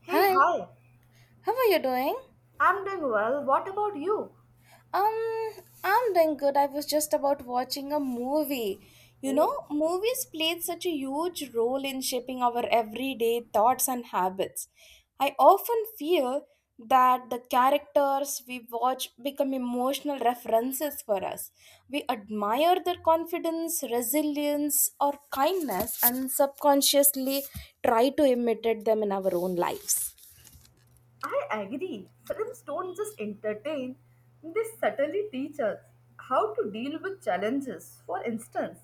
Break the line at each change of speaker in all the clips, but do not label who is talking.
Hey,
Hi,
hi.
how are you doing?
I'm doing well. What about you?
Um, I'm doing good. I was just about watching a movie. You know,
Oh,
movies played such a huge role in shaping our everyday thoughts and habits. I often feel that the characters we watch become emotional references for us. We admire their confidence, resilience, or kindness and subconsciously try to imitate them in our own lives.
I agree. Films don't just entertain, they subtly teach us how to deal with challenges. For instance,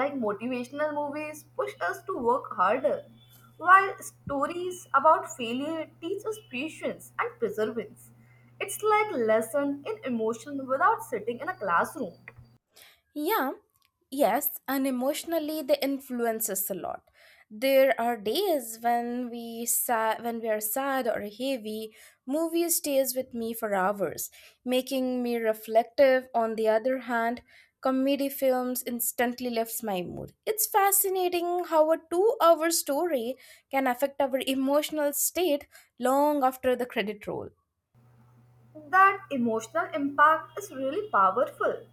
like, motivational movies push us to work harder, while stories about failure teach us patience and perseverance. It's like lesson in emotion without sitting in a classroom.
Yeah, yes, and emotionally they influence us a lot. There are days when we sad, when we are sad or heavy. Movie stays with me for hours, making me reflective. On the other hand, comedy films instantly lifts my mood. It's fascinating how a two-hour story can affect our emotional state long after the credit roll.
That emotional impact is really powerful.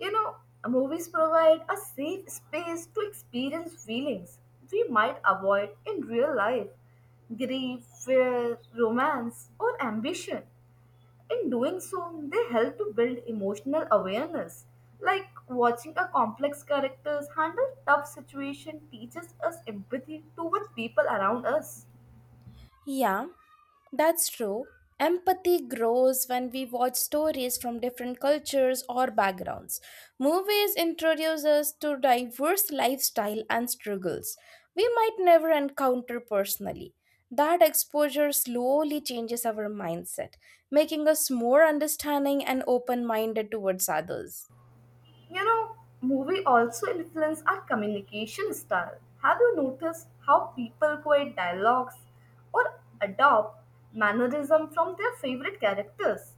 You know, Movies provide a safe space to experience feelings we might avoid in real life: grief, fear, romance, or ambition. In doing so, they help to build emotional awareness. Like, watching a complex characters handle tough situation teaches us empathy toward people around us.
Yeah, that's true. Empathy grows when we watch stories from different cultures or backgrounds. Movies introduce us to diverse lifestyle and struggles we might never encounter personally. That exposure slowly changes our mindset, making us more understanding and open-minded towards others.
You know, Movie also influence our communication style. Have you noticed how people quote dialogues or adopt mannerism from their favorite characters?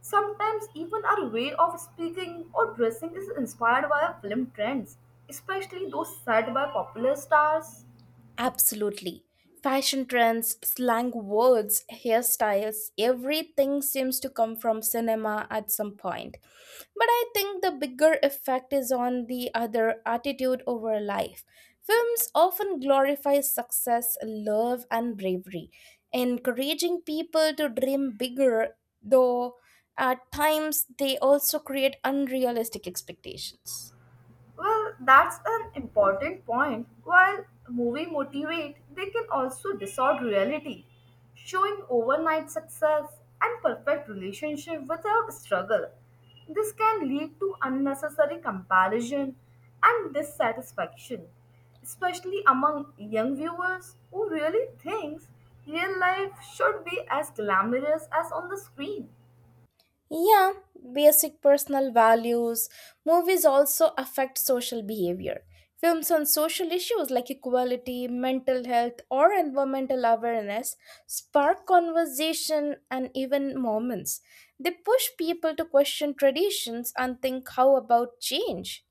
Sometimes even our way of speaking or dressing is inspired by our film trends, especially those set by popular stars.
Absolutely. Fashion trends, slang words, hairstyles, everything seems to come from cinema at some point. But I think the bigger effect is on the other attitude over life. Films often glorify success, love, and bravery, encouraging people to dream bigger, though at times they also create unrealistic expectations.
Well, that's an important point. While movie motivate, they can also distort reality, showing overnight success and perfect relationship without struggle. This can lead to unnecessary comparison and dissatisfaction, especially among young viewers who really thinks real life should be as glamorous as on the screen.
Yeah, basic personal values. Movies also affect social behavior. Films on social issues like equality, mental health, or environmental awareness spark conversation and even moments. They push people to question traditions and think how about change.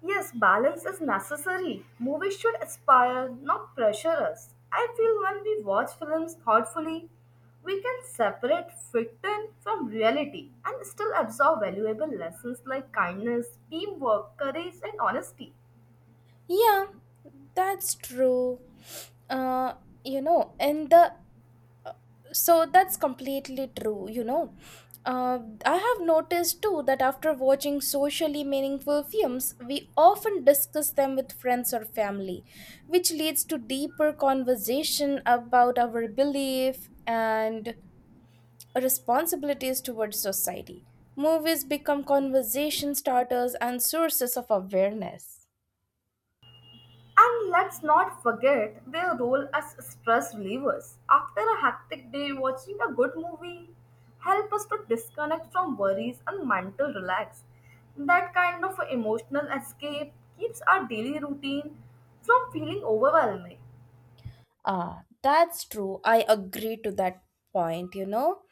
Yes, balance is necessary. Movies should inspire, not pressure us. I feel when we watch films thoughtfully, we can separate fiction from reality and still absorb valuable lessons like kindness, teamwork, courage, and honesty.
Yeah, that's true. Uh, you know, in the So that's completely true, you know. Uh, I have noticed too that after watching socially meaningful films, we often discuss them with friends or family, which leads to deeper conversation about our belief and responsibilities towards society. Movies become conversation starters and sources of awareness.
And let's not forget their role as stress relievers. After a hectic day, watching a good movie help us to disconnect from worries and mental relax. That kind of emotional escape keeps our daily routine from feeling overwhelming.
Ah, that's true. I agree to that point, you know.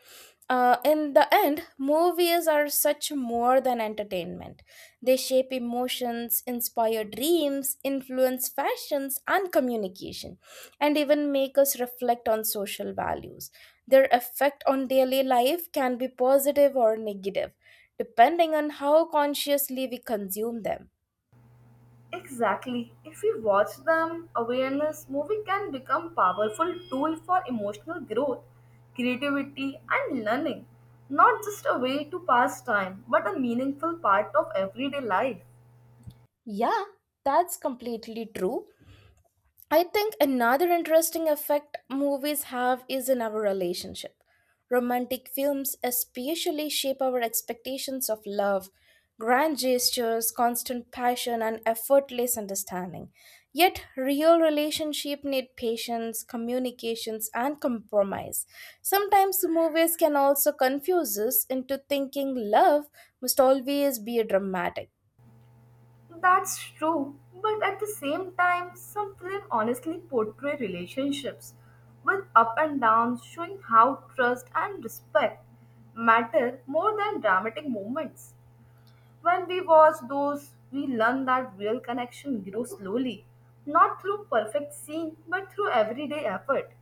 In the end, movies are such more than entertainment. They shape emotions, inspire dreams, influence fashions and communication, and even make us reflect on social values. Their effect on daily life can be positive or negative, depending on how consciously we consume them.
Exactly. If we watch them, awareness movie can become powerful tool for emotional growth, creativity and learning. Not just a way to pass time, but a meaningful part of everyday life.
Yeah, that's completely true. I think another interesting effect movies have is in our relationship. Romantic films especially shape our expectations of love, grand gestures, constant passion, and effortless understanding. Yet, real relationships need patience, communications, and compromise. Sometimes movies can also confuse us into thinking love must always be dramatic.
That's true, but at the same time, some films honestly portray relationships with up and downs, showing how trust and respect matter more than dramatic moments. When we watch those, we learn that real connection grows slowly, not through perfect scene, but through everyday effort.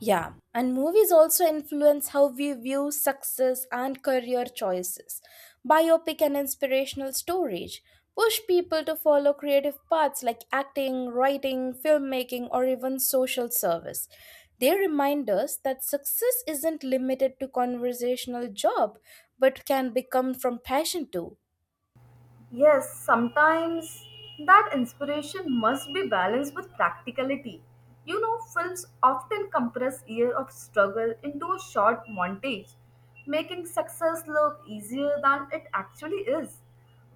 Yeah, and movies also influence how we view success and career choices. Biopic and inspirational stories push people to follow creative paths like acting, writing, filmmaking, or even social service. They remind us that success isn't limited to conversational job, but can become from passion too.
Yes, sometimes that inspiration must be balanced with practicality. Films often compress years of struggle into a short montage, making success look easier than it actually is.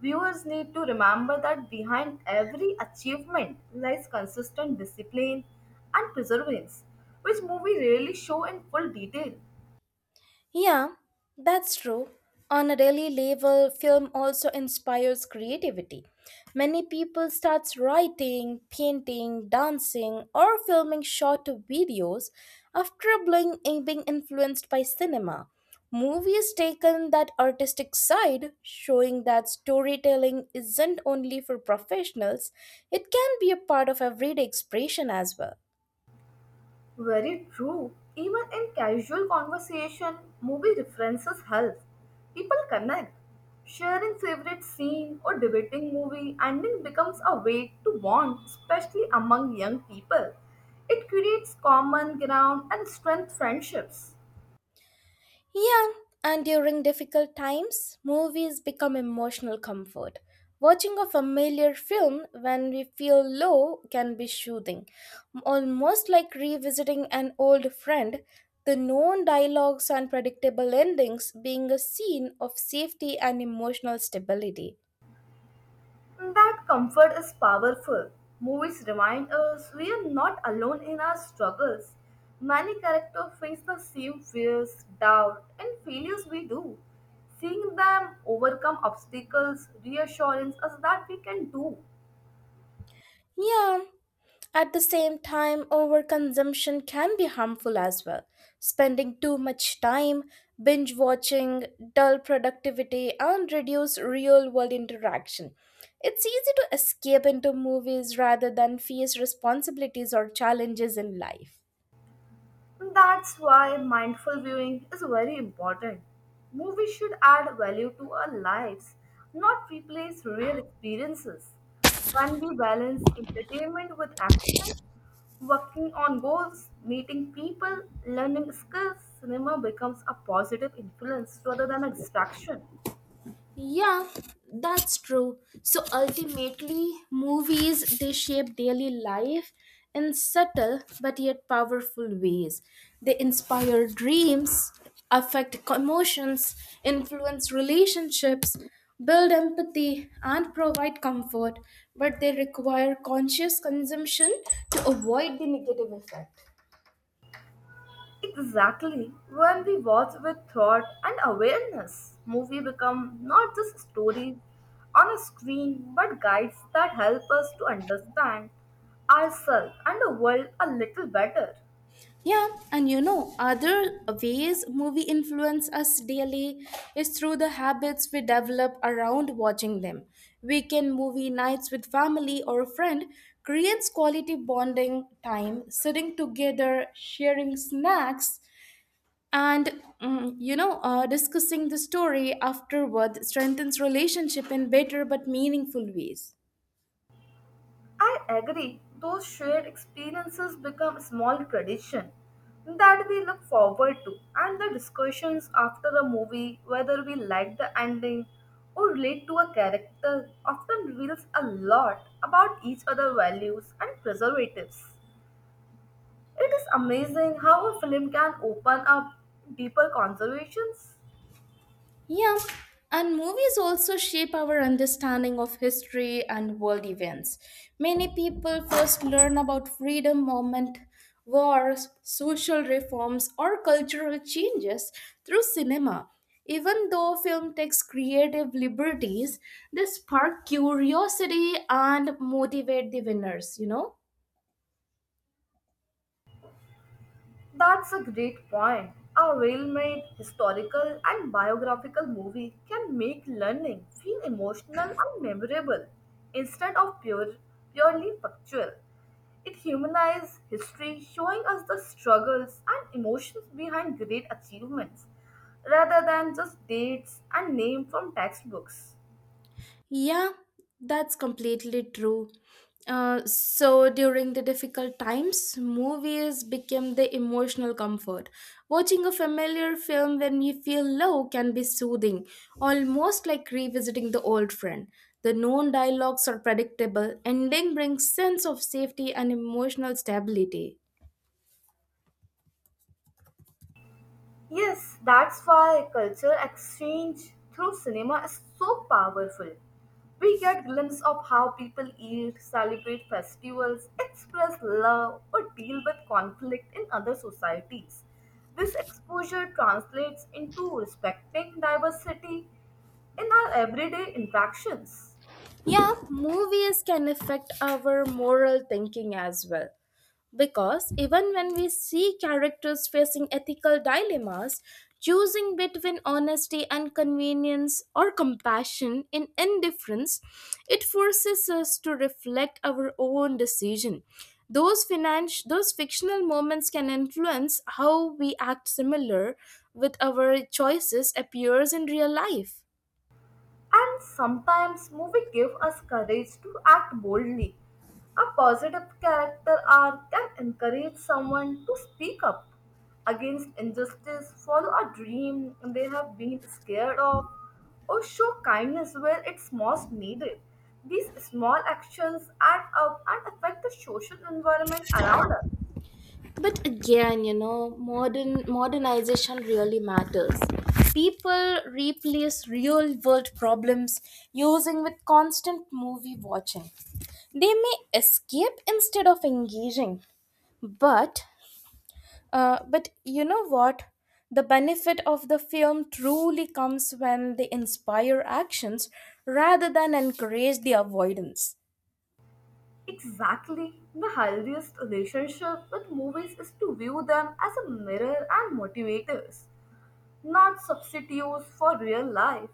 Viewers need to remember that behind every achievement lies consistent discipline and perseverance, which movies rarely show in full detail.
Yeah, that's true. On a daily level, film also inspires creativity. Many people start writing, painting, dancing, or filming short videos after being influenced by cinema. Movies taken that artistic side, showing that storytelling isn't only for professionals, it can be a part of everyday expression as well.
Very true. Even in casual conversation, movie references help. People connect. Sharing favorite scene or debating movie ending becomes a way to bond, especially among young people. It creates common ground and strength friendships.
Yeah, and during difficult times, movies become emotional comfort. Watching a familiar film when we feel low can be soothing, almost like revisiting an old friend. The known dialogues and predictable endings being a scene of safety and emotional stability.
That comfort is powerful. Movies remind us we are not alone in our struggles. Many characters face the same fears, doubt, and failures we do. Seeing them overcome obstacles reassures us that we can do.
Yeah, at the same time, overconsumption can be harmful as well. Spending too much time binge watching, dull productivity, and reduce real world interaction. It's easy to escape into movies rather than face responsibilities or challenges in life.
That's why mindful viewing is very important. Movies should add value to our lives, not replace real experiences. When we balance entertainment with action, working on goals, meeting people, learning skills, cinema becomes a positive influence rather than a distraction.
Yeah, that's true. So ultimately, movies they shape daily life in subtle but yet powerful ways. They inspire dreams, affect emotions, influence relationships, build empathy, and provide comfort, but they require conscious consumption to avoid the negative effect.
Exactly. When we watch with thought and awareness, movie become not just stories on a screen but guides that help us to understand ourselves and the world a little better.
Yeah, and you know, other ways movie influence us daily is through the habits we develop around watching them. Weekend movie nights with family or a friend creates quality bonding time, sitting together, sharing snacks, and discussing the story afterward strengthens relationship in better but meaningful ways.
I agree. Those shared experiences become small tradition that we look forward to, and the discussions after a movie, whether we like the ending or relate to a character, often reveals a lot about each other's values and preservatives. It is amazing how a film can open up deeper conversations.
Yeah, and movies also shape our understanding of history and world events. Many people first learn about freedom movement, wars, social reforms, or cultural changes through cinema. Even though film takes creative liberties, they spark curiosity and motivate the winners, you know?
That's a great point. A well made historical and biographical movie can make learning feel emotional and memorable instead of purely factual. It humanizes history, showing us the struggles and emotions behind great achievements rather than just dates and names from textbooks.
Yeah, that's completely true. So during the difficult times, movies became the emotional comfort. Watching a familiar film when we feel low can be soothing, almost like revisiting the old friend. The known dialogues are predictable, ending brings sense of safety and emotional stability.
Yes, that's why culture exchange through cinema is so powerful. We get glimpse of how people eat, celebrate festivals, express love, or deal with conflict in other societies. This exposure translates into respecting diversity in our everyday interactions.
Yeah, movies can affect our moral thinking as well. Because even when we see characters facing ethical dilemmas, choosing between honesty and convenience or compassion in indifference, it forces us to reflect our own decision. Those fictional moments can influence how we act similar with our choices appears in real life.
And sometimes movie give us courage to act boldly. A positive character arc can encourage someone to speak up against injustice, follow a dream they have been scared of, or show kindness where it's most needed. These small actions add up and affect the social environment around us.
But again, you know, modernization really matters. People replace real world problems using with constant movie watching. They may escape instead of engaging, but you know what, the benefit of the film truly comes when they inspire actions rather than encourage the avoidance.
Exactly. The healthiest relationship with movies is to view them as a mirror and motivators, not substitutes for real life.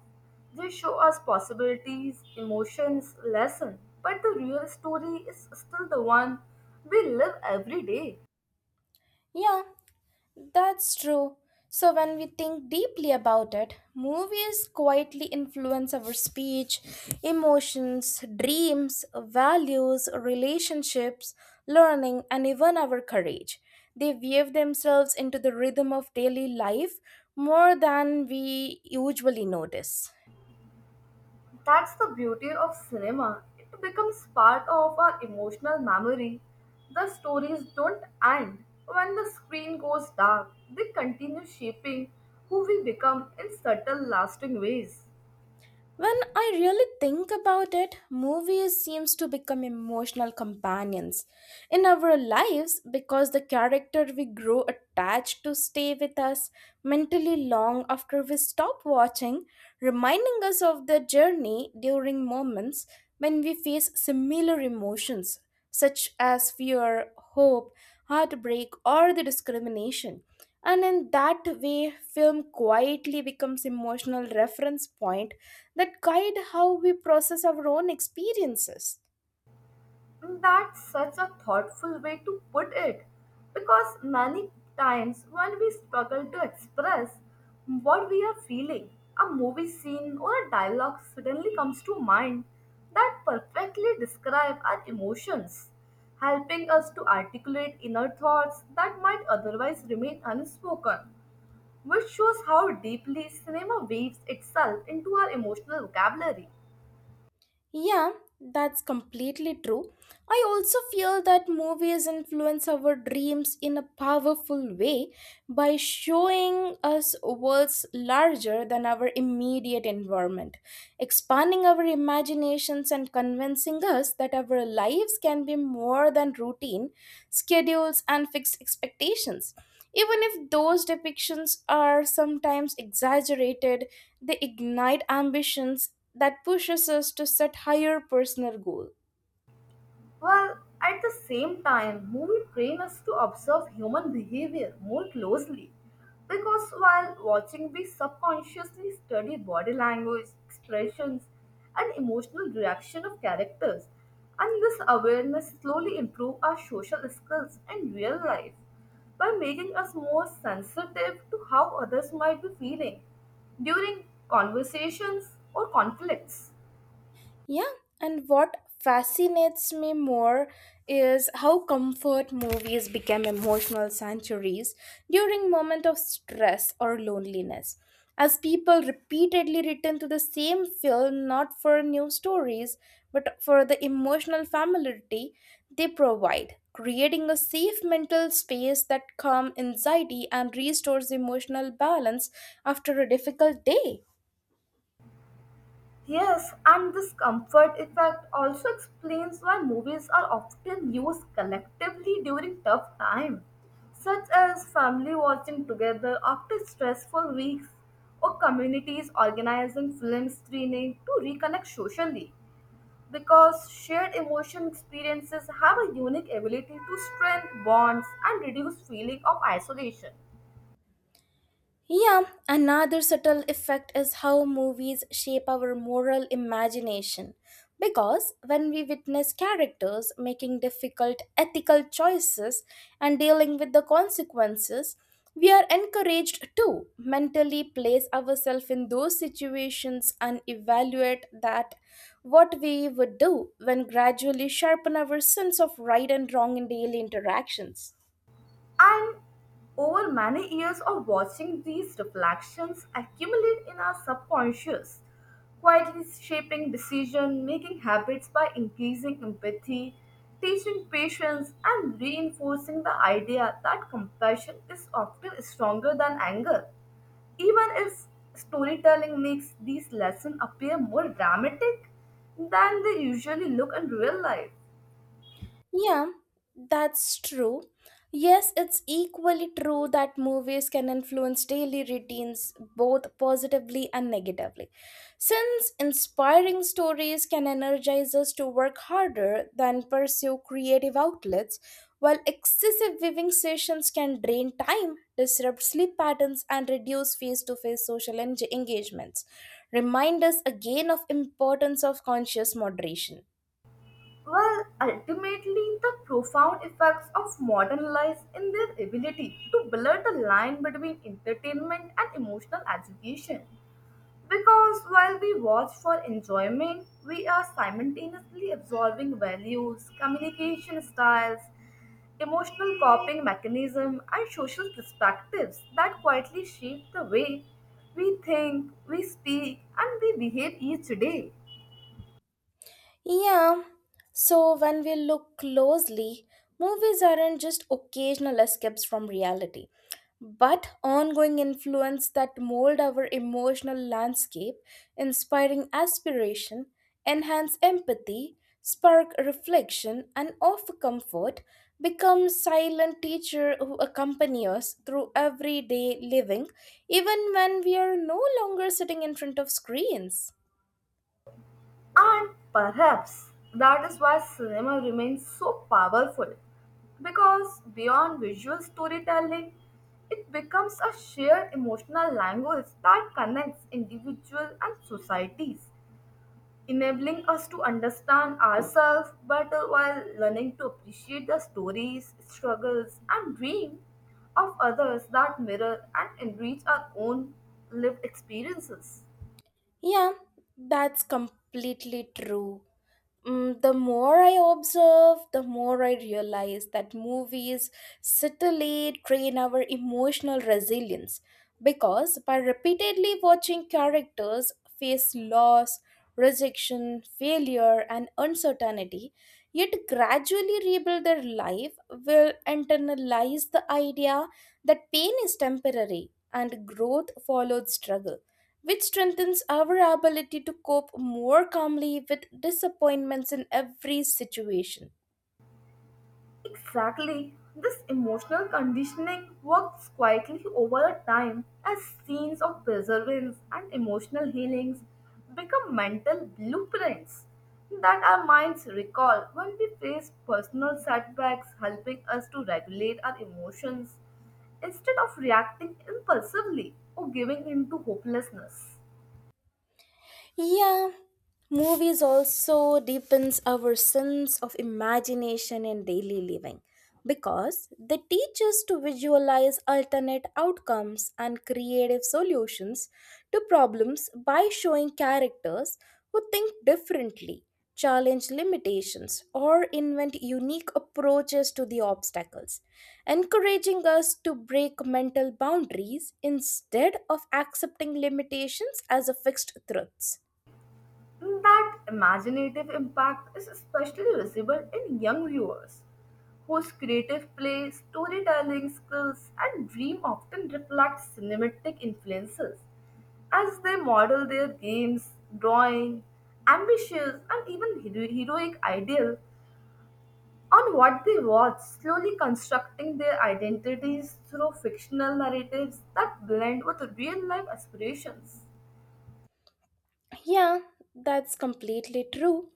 They show us possibilities, emotions, lessons, but the real story is still the one we live every day.
Yeah, that's true. So, when we think deeply about it, movies quietly influence our speech, emotions, dreams, values, relationships, learning, and even our courage. They weave themselves into the rhythm of daily life more than we usually notice.
That's the beauty of cinema. It becomes part of our emotional memory. The stories don't end when the screen goes dark, they continue shaping who we become in subtle, lasting ways.
When I really think about it, movies seems to become emotional companions in our lives because the character we grow attached to stay with us mentally long after we stop watching, reminding us of their journey during moments when we face similar emotions such as fear, hope, heartbreak, or the discrimination. And in that way, film quietly becomes emotional reference point that guide how we process our own experiences.
That's such a thoughtful way to put it because many times when we struggle to express what we are feeling, a movie scene or a dialogue suddenly comes to mind that perfectly describe our emotions, helping us to articulate inner thoughts that might otherwise remain unspoken, which shows how deeply cinema weaves itself into our emotional vocabulary.
Yeah, that's completely true. I also feel that movies influence our dreams in a powerful way by showing us worlds larger than our immediate environment, expanding our imaginations and convincing us that our lives can be more than routine, schedules, and fixed expectations. Even if those depictions are sometimes exaggerated, they ignite ambitions that pushes us to set higher personal goal.
While at the same time, movie train us to observe human behavior more closely. Because while watching, we subconsciously study body language, expressions, and emotional reaction of characters. And this awareness slowly improve our social skills in real life by making us more sensitive to how others might be feeling during conversations or conflicts.
Yeah, and what fascinates me more is how comfort movies became emotional sanctuaries during moment of stress or loneliness, as people repeatedly return to the same film not for new stories but for the emotional familiarity they provide, creating a safe mental space that calms anxiety and restores emotional balance after a difficult day.
Yes, and this comfort effect also explains why movies are often used collectively during tough times, such as family watching together after stressful weeks or communities organizing film screening to reconnect socially because shared emotion experiences have a unique ability to strengthen bonds and reduce feeling of isolation.
Yeah, another subtle effect is how movies shape our moral imagination. Because when we witness characters making difficult ethical choices and dealing with the consequences, we are encouraged to mentally place ourselves in those situations and evaluate that what we would do when gradually sharpen our sense of right and wrong in daily interactions.
And over many years of watching these reflections accumulate in our subconscious, quietly shaping decision making habits by increasing empathy, teaching patience, and reinforcing the idea that compassion is often stronger than anger. Even if storytelling makes these lessons appear more dramatic than they usually look in real life.
Yeah, that's true. Yes, it's equally true that movies can influence daily routines both positively and negatively. Since inspiring stories can energize us to work harder than pursue creative outlets, while excessive viewing sessions can drain time, disrupt sleep patterns, and reduce face-to-face social engagements, remind us again of importance of conscious moderation.
Well, ultimately, the profound effects of modern life in their ability to blur the line between entertainment and emotional education. Because while we watch for enjoyment, we are simultaneously absorbing values, communication styles, emotional coping mechanism, and social perspectives that quietly shape the way we think, we speak, and we behave each day.
Yeah, so when we look closely, movies aren't just occasional escapes from reality, but ongoing influence that mold our emotional landscape, inspiring aspiration, enhance empathy, spark reflection, and offer comfort, become silent teacher who accompany us through everyday living, even when we are no longer sitting in front of screens.
And perhaps that is why cinema remains so powerful because beyond visual storytelling, it becomes a shared emotional language that connects individuals and societies, enabling us to understand ourselves better while learning to appreciate the stories, struggles, and dreams of others that mirror and enrich our own lived experiences.
Yeah, that's completely true. The more I observe, the more I realize that movies subtly train our emotional resilience because by repeatedly watching characters face loss, rejection, failure, and uncertainty, yet gradually rebuild their life, will internalize the idea that pain is temporary and growth follows struggle, which strengthens our ability to cope more calmly with disappointments in every situation.
Exactly. This emotional conditioning works quietly over a time as scenes of perseverance and emotional healings become mental blueprints that our minds recall when we face personal setbacks, helping us to regulate our emotions instead of reacting impulsively or giving in to hopelessness.
Yeah, movies also deepens our sense of imagination in daily living because they teach us to visualize alternate outcomes and creative solutions to problems by showing characters who think differently, challenge limitations, or invent unique approaches to the obstacles, encouraging us to break mental boundaries instead of accepting limitations as a fixed truths.
That imaginative impact is especially visible in young viewers, whose creative play, storytelling skills, and dream often reflect cinematic influences as they model their games, drawing, ambitious, and even heroic ideal on what they watch, slowly constructing their identities through fictional narratives that blend with real life aspirations.
Yeah, that's completely true.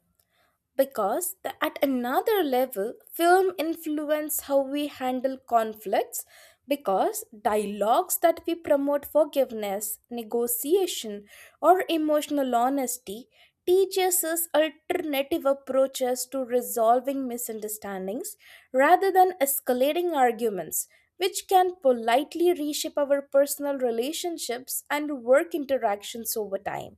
Because the, at another level, film influence how we handle conflicts because dialogues that we promote forgiveness, negotiation, or emotional honesty teaches us alternative approaches to resolving misunderstandings rather than escalating arguments, which can politely reshape our personal relationships and work interactions over time.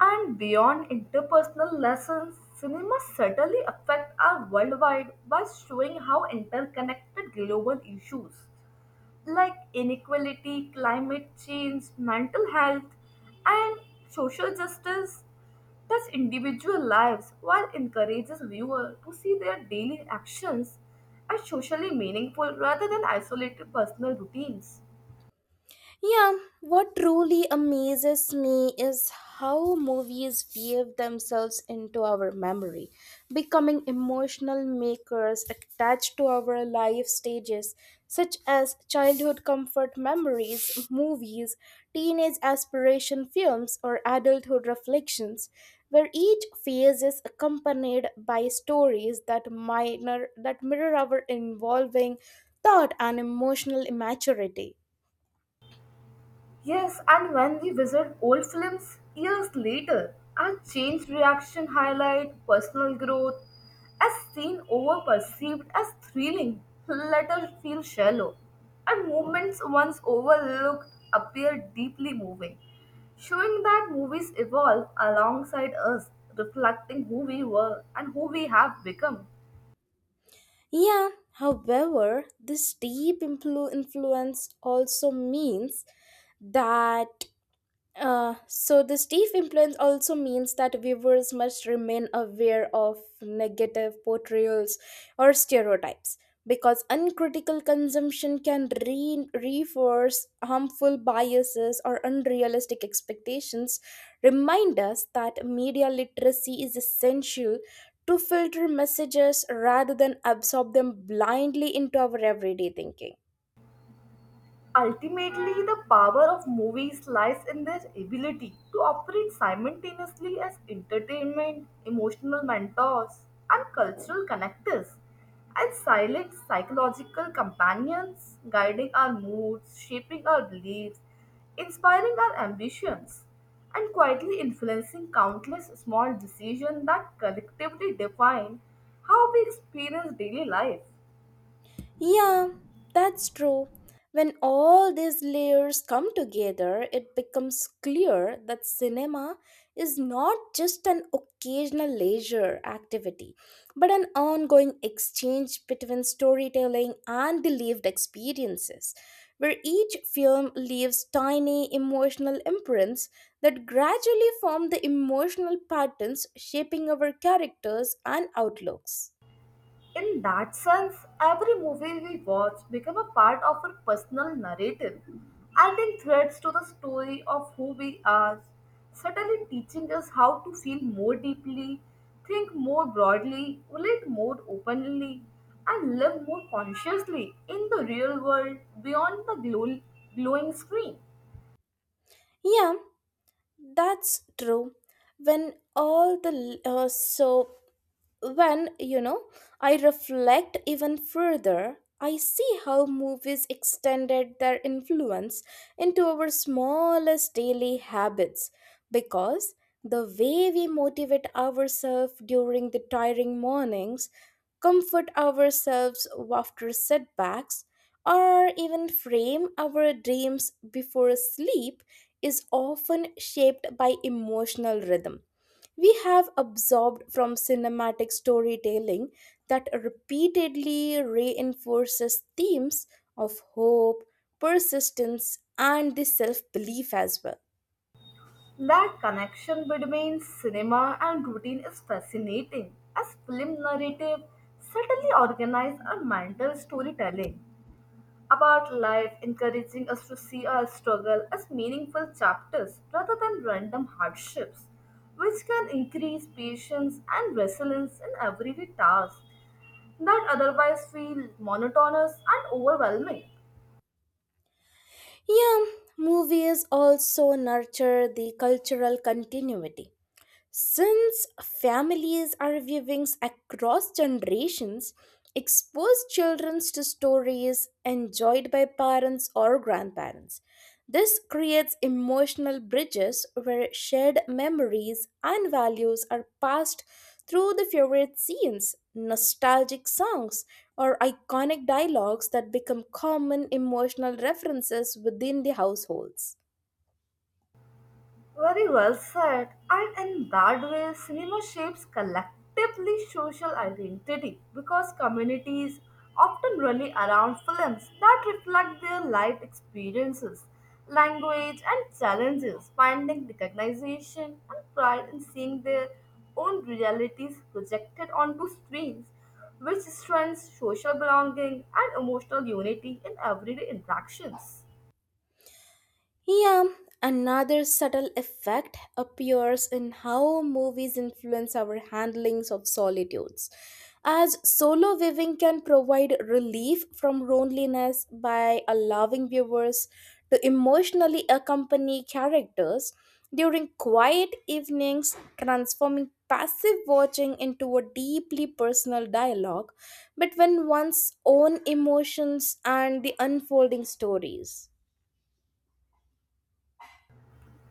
And beyond interpersonal lessons, cinema certainly affects our worldwide by showing how interconnected global issues like inequality, climate change, mental health, and social justice touch individual lives while encourages viewers to see their daily actions as socially meaningful rather than isolated personal routines.
Yeah, what truly amazes me is how movies weave themselves into our memory, becoming emotional makers attached to our life stages, such as childhood comfort memories, movies, teenage aspiration films, or adulthood reflections, where each phase is accompanied by stories that minor that mirror our evolving thought and emotional immaturity.
Yes, and when we visit old films years later, our changed reaction highlight personal growth as seen over perceived as thrilling, let us feel shallow, and moments once overlooked appear deeply moving, showing that movies evolve alongside us, reflecting who we were and who we have become.
Yeah, however, this deep influence also means that this deep influence also means that viewers must remain aware of negative portrayals or stereotypes because uncritical consumption can reinforce harmful biases or unrealistic expectations, remind us that media literacy is essential to filter messages rather than absorb them blindly into our everyday thinking.
Ultimately, the power of movies lies in their ability to operate simultaneously as entertainment, emotional mentors, and cultural connectors, and silent psychological companions, guiding our moods, shaping our beliefs, inspiring our ambitions, and quietly influencing countless small decisions that collectively define how we experience daily life.
Yeah, that's true. When all these layers come together, it becomes clear that cinema is not just an occasional leisure activity, but an ongoing exchange between storytelling and the lived experiences, where each film leaves tiny emotional imprints that gradually form the emotional patterns shaping our characters and outlooks.
In that sense, every movie we watch become a part of our personal narrative, adding threads to the story of who we are, certainly teaching us how to feel more deeply, think more broadly, relate more openly, and live more consciously in the real world beyond the glowing screen.
Yeah, that's true. When all the l- so when you know I reflect even further, I see how movies extended their influence into our smallest daily habits because the way we motivate ourselves during the tiring mornings, comfort ourselves after setbacks, or even frame our dreams before sleep is often shaped by emotional rhythm we have absorbed from cinematic storytelling that repeatedly reinforces themes of hope, persistence, and the self belief as well.
That connection between cinema and routine is fascinating, as film narrative certainly organize our mental storytelling about life, encouraging us to see our struggle as meaningful chapters rather than random hardships, which can increase patience and resilience in everyday tasks that otherwise feel monotonous and overwhelming.
Yeah, movies also nurture the cultural continuity. Since families are viewings across generations, expose children to stories enjoyed by parents or grandparents. This creates emotional bridges where shared memories and values are passed through the favorite scenes, nostalgic songs, or iconic dialogues that become common emotional references within the households.
Very well said. And in that way, cinema shapes collectively social identity because communities often rally around films that reflect their life experiences, language, and challenges, finding recognition and pride in seeing their own realities projected onto screens, which strengthens social belonging and emotional unity in everyday interactions.
Yeah, another subtle effect appears in how movies influence our handlings of solitudes. As solo viewing can provide relief from loneliness by allowing viewers to emotionally accompany characters during quiet evenings, transforming passive watching into a deeply personal dialogue between one's own emotions and the unfolding stories.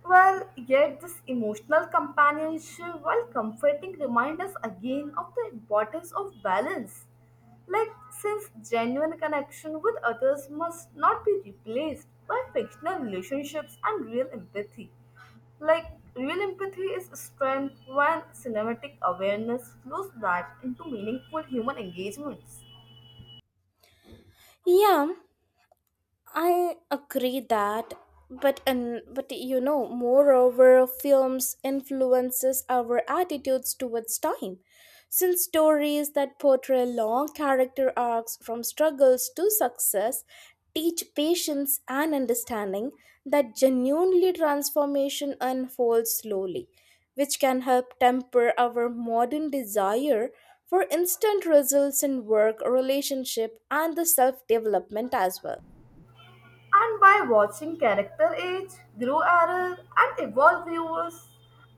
Well, yet this emotional companionship, while comforting, reminds us again of the importance of balance. Like, since genuine connection with others must not be replaced by fictional relationships and real empathy. Like, real empathy is strength when cinematic awareness flows back into meaningful human engagements.
Yeah, I agree that, but moreover, films influences our attitudes towards time, since stories that portray long character arcs from struggles to success teach patience and understanding that genuinely transformation unfolds slowly, which can help temper our modern desire for instant results in work, relationship, and the self development as well.
And by watching character age, grow error, and evolve, viewers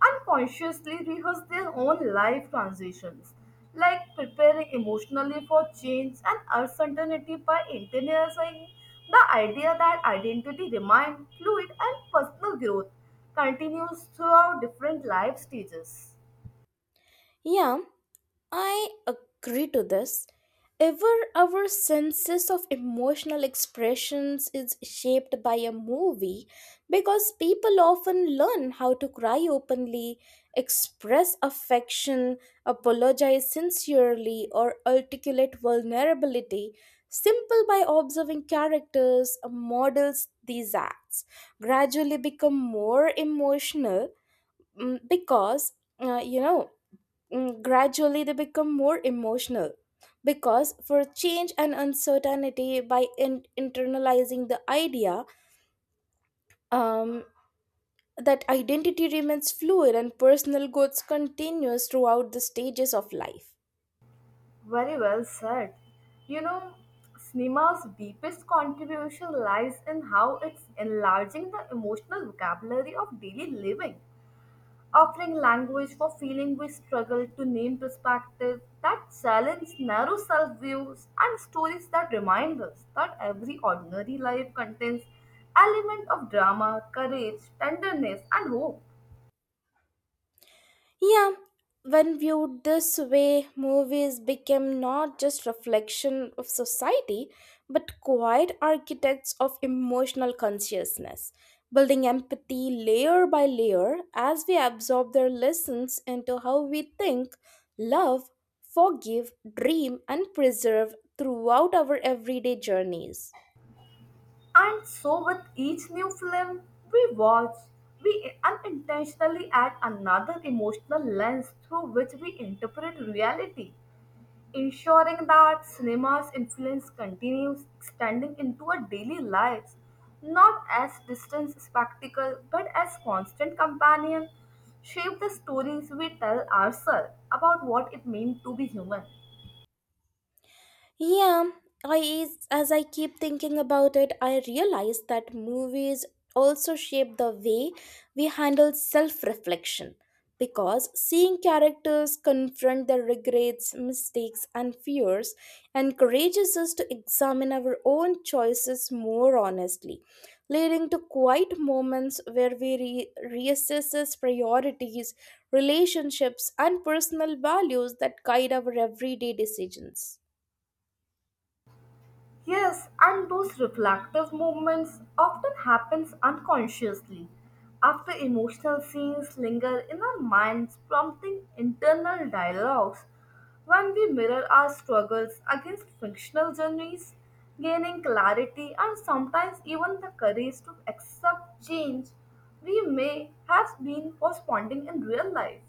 unconsciously rehearse their own life transitions, like preparing emotionally for change and uncertainty by internalizing the idea that identity remains fluid and personal growth continues throughout different life stages.
Yeah, I agree to this. Ever our senses of emotional expressions is shaped by a movie because people often learn how to cry openly, express affection, apologize sincerely, or articulate vulnerability simple by observing characters models these acts gradually become more emotional mm, because you know Mm, gradually they become more emotional because for change and uncertainty by internalizing the idea um, that identity remains fluid and personal growth continues throughout the stages of life.
Very well said. You know, Cinema's deepest contribution lies in how it's enlarging the emotional vocabulary of daily living, offering language for feeling we struggle to name perspective that challenge narrow self-views and stories that remind us that every ordinary life contains element of drama, courage, tenderness, and hope.
Yeah, when viewed this way, movies became not just reflection of society, but quiet architects of emotional consciousness, building empathy layer by layer as we absorb their lessons into how we think, love, forgive, dream, and preserve throughout our everyday journeys.
And so, with each new film we watch, we unintentionally add another emotional lens through which we interpret reality, ensuring that cinema's influence continues extending into our daily lives, not as distant spectacle but as constant companion, shape the stories we tell ourselves about what it means to be human.
Yeah, I as I keep thinking about it, I realize that movies also shape the way we handle self-reflection because seeing characters confront their regrets, mistakes and fears encourages us to examine our own choices more honestly, leading to quiet moments where we reassess priorities, relationships and personal values that guide our everyday decisions.
Yes, and those reflective movements often happens unconsciously after emotional scenes linger in our minds prompting internal dialogues when we mirror our struggles against fictional journeys gaining clarity and sometimes even the courage to accept change we may have been postponing in real life.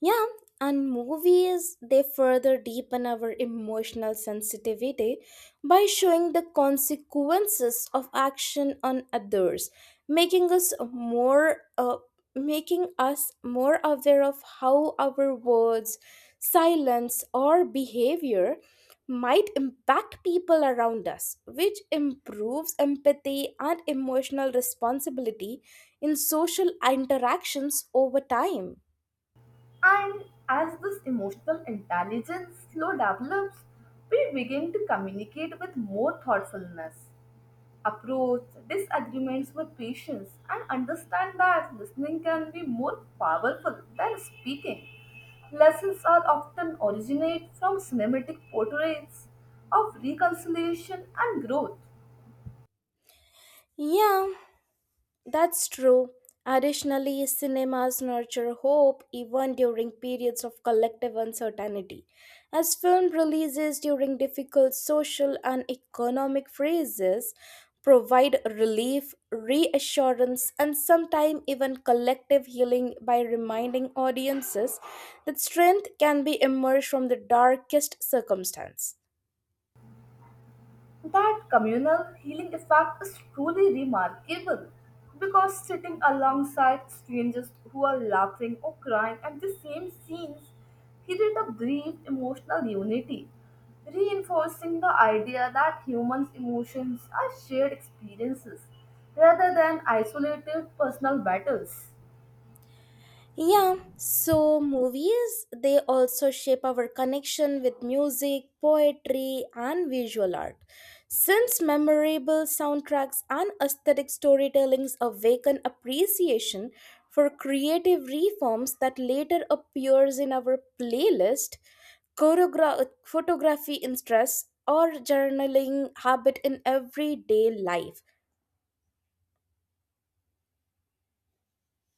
Yeah, and movies they further deepen our emotional sensitivity by showing the consequences of action on others, making us more uh, making us more aware of how our words, silence or behavior might impact people around us, which improves empathy and emotional responsibility in social interactions over time.
And as this emotional intelligence slow develops, we begin to communicate with more thoughtfulness, approach disagreements with patience, and understand that listening can be more powerful than speaking. Lessons are often originate from cinematic portrayals of reconciliation and growth.
Yeah, that's true. Additionally, cinemas nurture hope even during periods of collective uncertainty. As film releases during difficult social and economic phases provide relief, reassurance, and sometimes even collective healing by reminding audiences that strength can be emerged from the darkest circumstance.
That communal healing effect is truly remarkable because sitting alongside strangers who are laughing or crying at the same scenes created a brief emotional unity, reinforcing the idea that humans' emotions are shared experiences rather than isolated personal battles.
Yeah, so movies, they also shape our connection with music, poetry, and visual art. Since memorable soundtracks and aesthetic storytellings awaken appreciation for creative reforms that later appears in our playlist, photography interests, or journaling habit in everyday life.